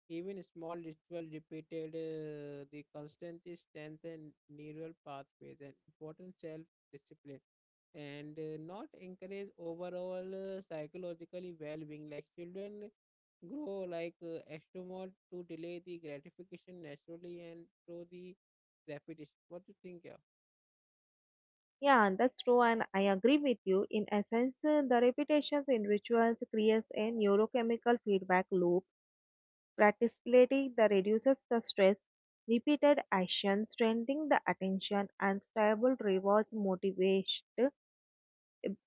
A: even small ritual repeated, the constant strength and neural pathways and important self-discipline and not encourage overall psychologically well-being, like children grow extremely to delay the gratification naturally and through the repetition. What do you think? Yeah?
B: Yeah, and that's true, and I agree with you. In essence, the repetitions in rituals creates a neurochemical feedback loop. Participating the reduces the stress, repeated action strengthening the attention, and stable rewards motivate uh,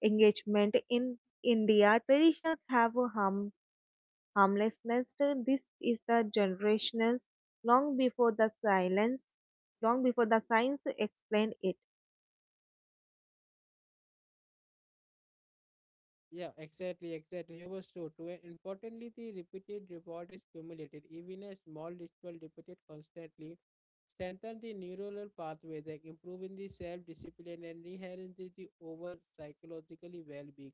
B: engagement. In India, traditions have a harm, harmlessness. This is the generations long before the silence, long before the science explained it.
A: Yeah, exactly, exactly. You were so true. And importantly, the repeated reward is cumulative. Even a small ritual repeated constantly strengthens the neuronal pathways, like improving the self-discipline and enhancing the over psychologically well-being.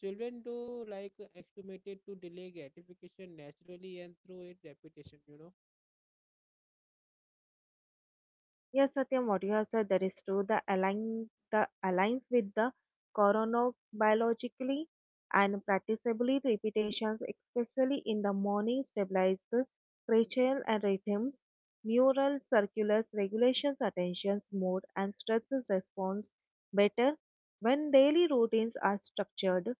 A: Children do like acclimated to delay gratification naturally and through it repetition, you know?
B: Yes, Satyam, what you have said, that is true. The align the aligns with the chronobiologically and practicably repetitions, especially in the morning, stabilize the cranial and rhythms, neural circulars, regulations, attentions, mood, and stresses response better when daily routines are structured.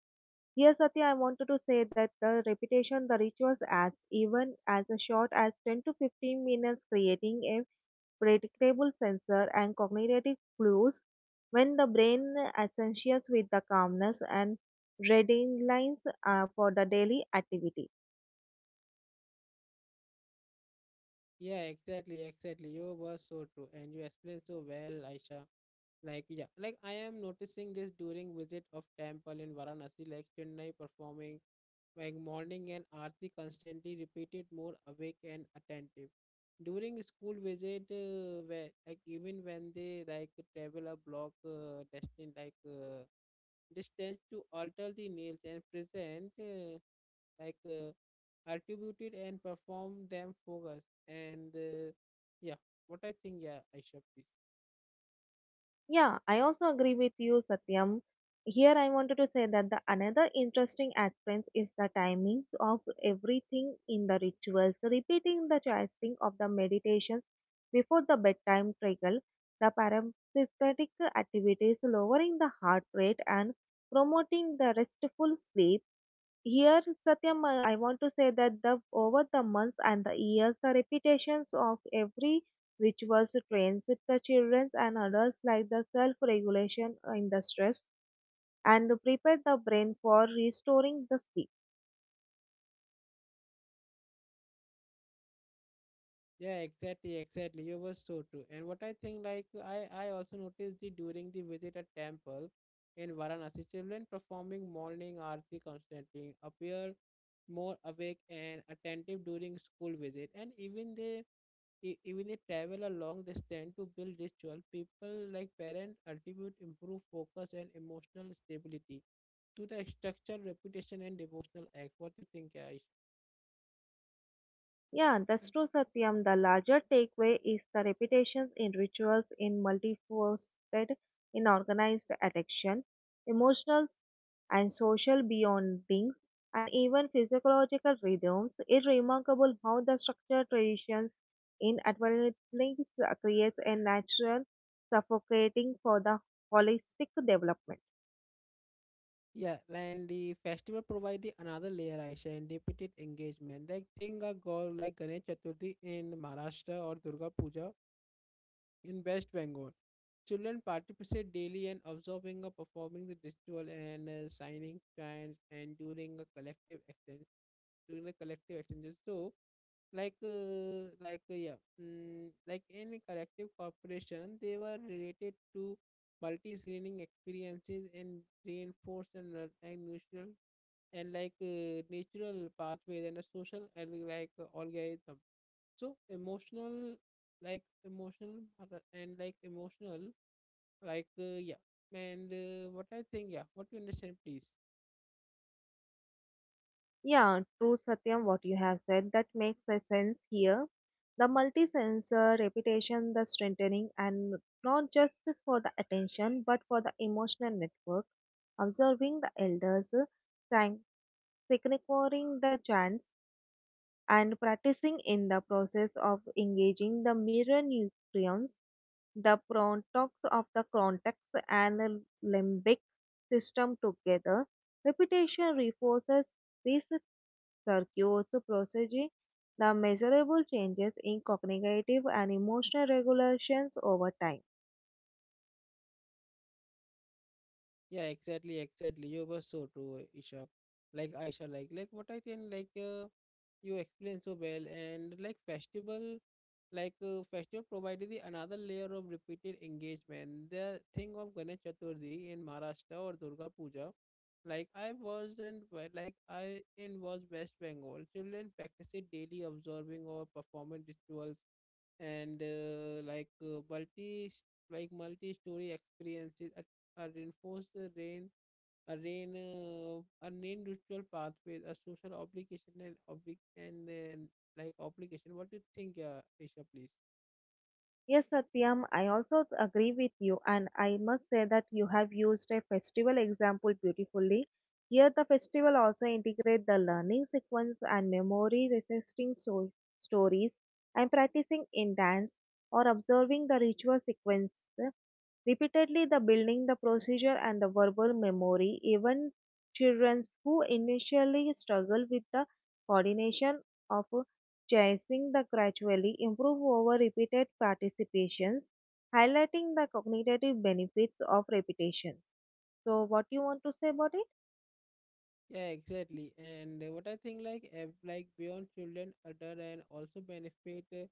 B: Yes, Satya, I wanted to say that the repetition, the rituals adds even as a short as 10 to 15 minutes, creating a predictable sensor and cognitive clues when the brain associates with the calmness and reading lines for the daily activity.
A: Yeah, exactly, exactly. You were so true. And you explained so well, Aisha. Like yeah, like I am noticing this during visit of temple in Varanasi, like Chennai performing like morning and aarti constantly repeated more awake and attentive. During school visit, where like even when they like travel a block destined like distance to alter the nails and present like uh, attributed and perform them focus and yeah, what I think, yeah, Aisha, please.
B: Yeah, I also agree with you, Satyam. Here I wanted to say that the another interesting aspect is the timings of everything in the rituals. Repeating the chanting of the meditations before the bedtime trigger the parasympathetic activities, lowering the heart rate and promoting the restful sleep. Here, Satyam, I want to say that the over the months and the years, the repetitions of every rituals trains the children and adults like the self-regulation in the stress and prepare the brain for restoring the sleep.
A: Yeah, exactly, exactly. You were so true. And what I think, like I also noticed the during the visit at temple in Varanasi, children performing morning aarti constantly appear more awake and attentive during school visit, and even they travel a long distance to build ritual. People like parent attribute improve focus and emotional stability to the structure, reputation, and devotional act. What do you think, Aisha?
B: Yeah, that's true, Satyam. The larger takeaway is the repetitions in rituals in multifaceted, in organized addiction, emotional and social beyondings, and even physiological rhythms. It's remarkable how the structured traditions in adolescence creates a natural suffocating for the holistic development.
A: Yeah, and the festival provide the another layer, Aisha, and repeated engagement. Like think a girl like Ganesh Chaturthi in Maharashtra or Durga Puja in West Bengal. Children participate daily and observing or performing the ritual and signing chants and during a collective exchanges. So, like in a collective corporation, they were related to multi-screening experiences and reinforced and mutual and natural pathways and a social and algorithm so emotional like emotional yeah and what I think, yeah, what you understand, please.
B: Yeah, true Satyam, what you have said, that makes a sense here. The multi-sensor repetition, the strengthening, and not just for the attention, but for the emotional network. Observing the elders, sang- securing the chants, and practicing in the process of engaging the mirror neurons, the prontox of the cortex and the limbic system together. Repetition reinforces this circuoso procedure. The measurable changes in cognitive and emotional regulations over time.
A: Yeah, exactly, exactly. You were so true, Isha. Like Aisha, like what I can like you explain so well, and like festival provided the another layer of repeated engagement. The thing of Ganesh Chaturthi in Maharashtra or Durga Puja, like I was in Wa- like I in was West Bengal. Children practice it daily, observing or performing rituals and multi-story experiences reinforce the rain a rain a rain ritual pathway, a social obligation and oblig and like obligation. What do you think, Aisha, please?
B: Yes, Satyam, I also agree with you, and I must say that you have used a festival example beautifully. Here, the festival also integrate the learning sequence and memory resisting so- stories and practicing in dance or observing the ritual sequence. Repeatedly, the building the procedure and the verbal memory, even children who initially struggle with the coordination of chasing the gradually improve over repeated participations, highlighting the cognitive benefits of repetition. So, what you want to say about it?
A: Yeah, exactly and what I think like beyond children adult and also benefit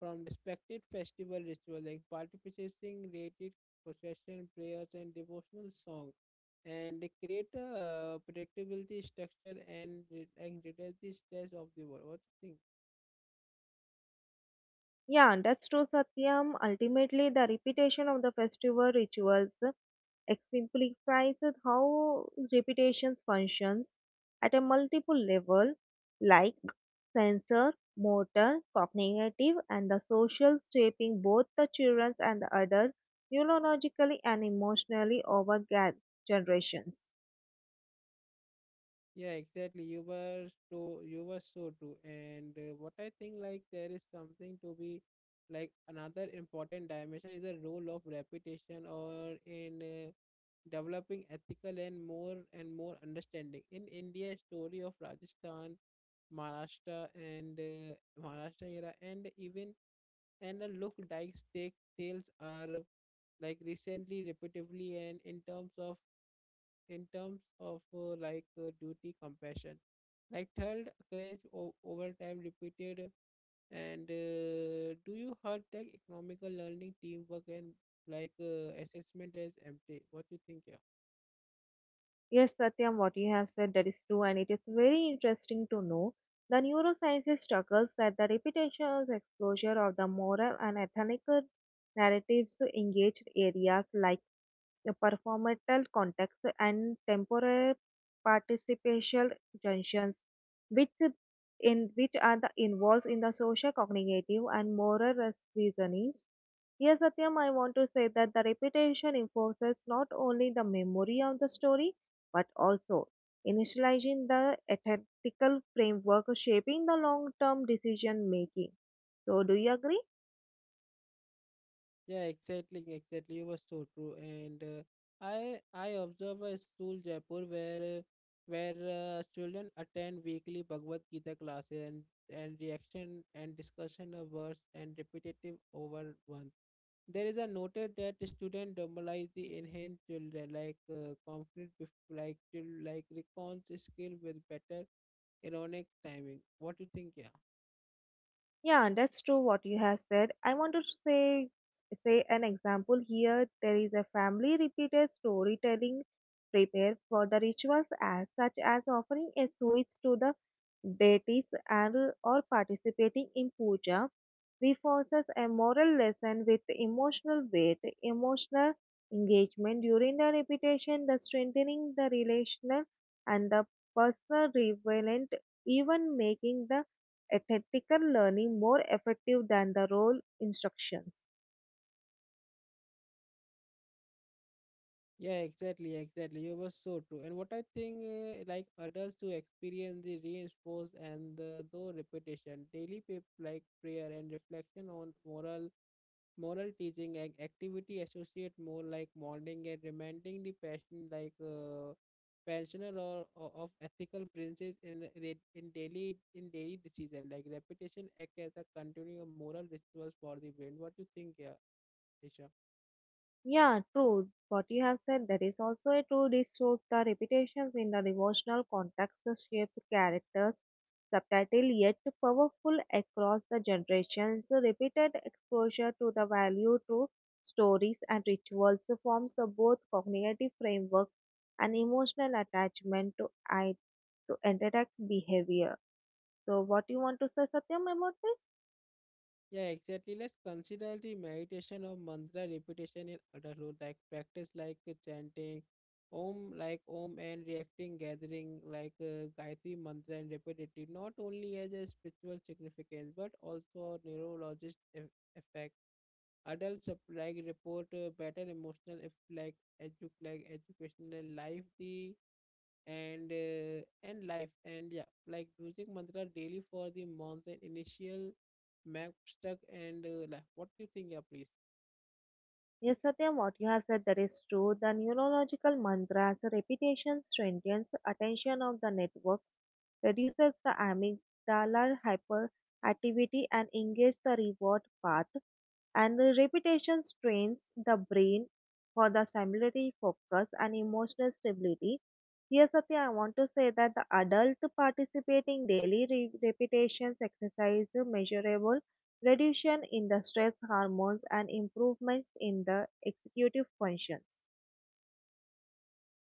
A: from respected festival ritual like participating related procession prayers and devotional song and they create a predictability structure and reduce the stress of the world. What do you think?
B: Yeah, and that's true, Satyam. Ultimately, the repetition of the festival rituals exemplifies how repetitions functions at a multiple level, like sensor, motor, cognitive, and the social, shaping both the children and the adults neurologically and emotionally over generations.
A: Yeah, exactly. You were so true. And what I think, like there is something to be like another important dimension is the role of reputation or in developing ethical and more understanding. In India, story of Rajasthan, Maharashtra, and Maharashtra era, and even and the look Dykes take tales are like recently, repetitively, and in terms of like duty, compassion. Like third, courage over time repeated. And do you heard like economical learning, teamwork, and assessment as empty? What do you think? Yeah.
B: Yes, Satyam, what you have said that is true, and it is very interesting to know. The neurosciences struggles that the repetitious exposure of the moral and ethical narratives to engaged areas like the performative context and temporal participial junctions, which in which are the involves in the social, cognitive, and moral reasonings. Here, Satyam, I want to say that the repetition enforces not only the memory of the story but also initializing the ethical framework shaping the long term decision making. So, do you agree?
A: Yeah. Exactly. Exactly. You were so true. And I observe a school Jaipur where children attend weekly Bhagavad Gita classes and reaction and discussion of words and repetitive over one. There is a noted that student normalize the enhanced children like confident bef- like chil- like recounts skill with better ironic timing. What you think? Yeah,
B: Yeah, that's true what you have said. I want to say an example here. There is a family repeated storytelling prepare for the rituals as such as offering a switch to the deities and or participating in puja reinforces a moral lesson with emotional weight, emotional engagement during the repetition, the strengthening the relational and the personal relevant, even making the ethical learning more effective than the role instructions.
A: yeah, exactly, exactly. You were so true. And what I think, like adults to experience the reinforce and the though repetition, daily prayer and reflection on moral teaching and activity associate more like mourning and reminding the passion pensioner or of ethical princes in in daily decision like repetition act as a continuing moral rituals for the brain. What do you think, yeah, Ishan?
B: Yeah, true. What you have said that is also a true. This shows the repetitions in the devotional context that shapes characters subtitle yet powerful across the generations. Repeated exposure to the value through stories and rituals forms a both cognitive frameworks and emotional attachment to I to interact behavior. So what you want to say Satyam about this?
A: Yeah, exactly. Let's consider the meditation or mantra repetition in adulthood, like practice chanting Om, like Om and reacting, gathering Gayatri mantra and repeatedly, not only as a spiritual significance but also a neurologist effect. Adults like report better emotional if like educational life. The and life and yeah like using mantra daily for the months and initial map stuck and life. What do you think, yeah, please?
B: Yes, Satyam, what you have said that is true. The neurological mantra as a repetition strengthens the attention of the networks, reduces the amygdala hyperactivity and engages the reward path. And the repetition strains the brain for the stimulatory focus and emotional stability. Here, Satya, I want to say that the adult participating daily repetitions exercise measurable reduction in the stress hormones and improvements in the executive functions.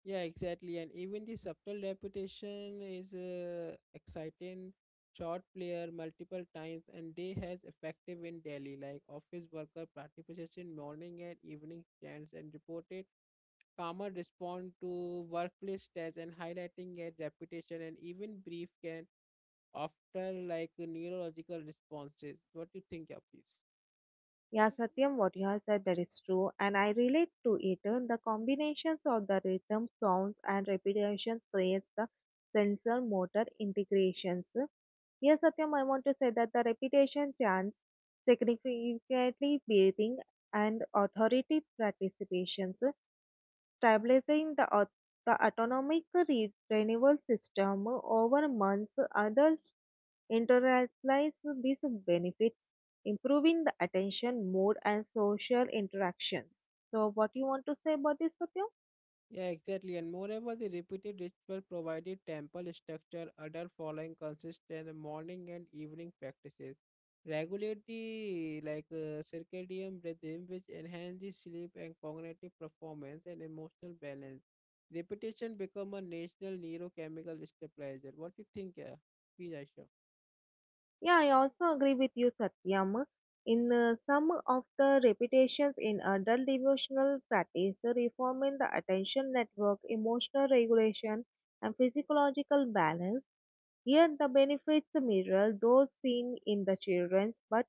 A: Yeah, exactly and even the subtle repetition is exciting short player multiple times and day has effective in Delhi like office worker participation morning and evening chants and reported farmer respond to workplace tests and highlighting a reputation and even brief can after like neurological responses. What do you think, yeah, please?
B: Yeah, Satyam, what you have said that is true, and I relate to it. The combinations of the rhythm, sounds, and repetitions creates the sensor motor integrations. Yes, Satyam, I want to say that the repetition chants significantly breathing and authority participations, stabilizing the, the autonomic renewal system over months. Adults internalize these benefits, improving the attention, mood, and social interactions. So, what you want to say about this, Satyam?
A: Yeah, exactly. And moreover, the repeated ritual provided temple structure other following consistent morning and evening practices. Regulate the circadian rhythm, which enhance the sleep and cognitive performance and emotional balance. Repetition become a natural neurochemical stabilizer. What do you think? Yeah, please, Aisha.
B: Yeah, I also agree with you, Satyam. In some of the repetitions in adult devotional practice, reforming the attention network, emotional regulation, and physiological balance. Yet the benefits mirror those seen in the children's, but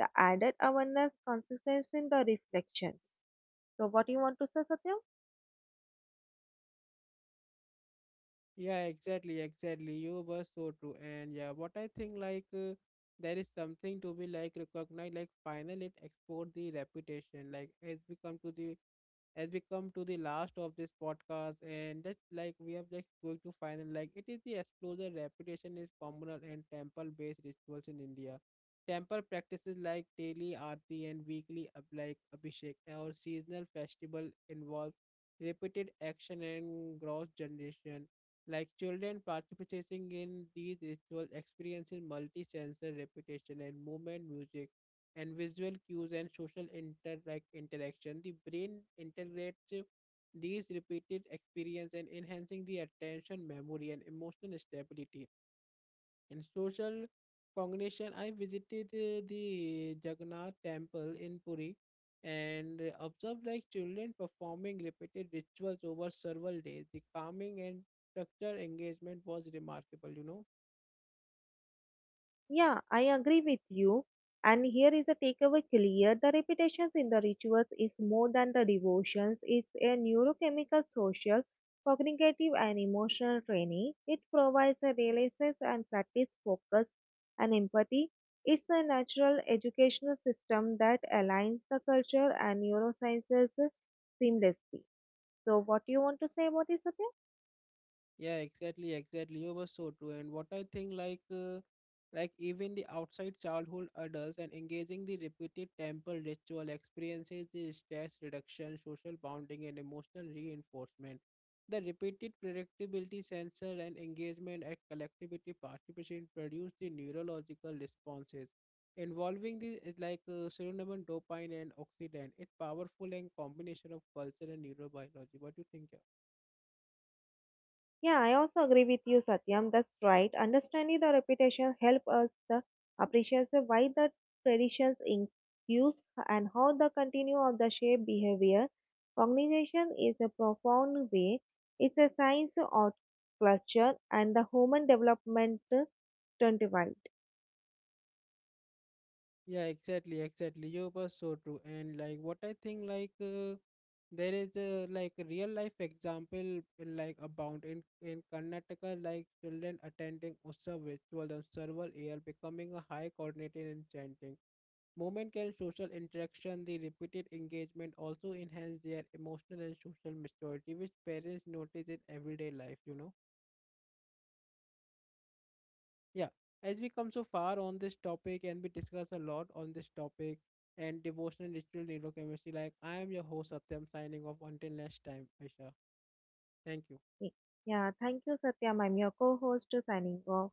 B: the added awareness consists in the reflections. So what you want to say, Satya?
A: Yeah, exactly, exactly. You were so true. And yeah, what I think there is something to be like recognized, like final it export the reputation, like has become to the as we come to the last of this podcast and just like we are just going to final, like it is the explosion reputation is communal and temple based rituals in india temple practices like daily aarti and weekly abhishek or seasonal festival involve repeated action and gross generation like children participating in these rituals experiencing multi-sensor repetition and movement music and visual cues and social interaction. The brain integrates these repeated experience and enhancing the attention, memory, and emotional stability. In social cognition, I visited the Jagannath temple in Puri and observed like children performing repeated rituals over several days. The calming and structure engagement was remarkable, you know.
B: Yeah, I agree with you. And here is a takeaway clear. The repetitions in the rituals is more than the devotions. It's a neurochemical, social, cognitive, and emotional training. It provides a releases and practice focus and empathy. It's a natural educational system that aligns the culture and neurosciences seamlessly. So, what do you want to say about this, Satya?
A: Yeah, exactly, exactly. You were so true. And what I think, like even the outside childhood adults and engaging the repeated temple ritual experiences the stress reduction, social bonding, and emotional reinforcement. The repeated predictability sensor and engagement at collectivity participation produce the neurological responses involving the is serotonin, dopamine, and oxidant. It's powerful and combination of culture and neurobiology. What do you think? Yeah?
B: Yeah, I also agree with you, Satyam. That's right. Understanding the reputation help us the appreciate why the traditions induce and how the continue of the shape behavior. Cognition is a profound way. It's a science of culture and the human development 25.
A: Yeah, exactly, exactly. You were so true. And like what I think there is a like a real life example in like abound in Karnataka like children attending Utsav ritual and several year becoming a high coordinated and chanting. Movement and social interaction, the repeated engagement also enhance their emotional and social maturity, which parents notice in everyday life, you know. Yeah, as we come so far on this topic and we discuss a lot on this topic and devotional ritual neurochemistry, like I am your host Satyam signing off until next time, Aisha. Thank you.
B: Yeah, thank you, Satyam. I'm your co-host signing off.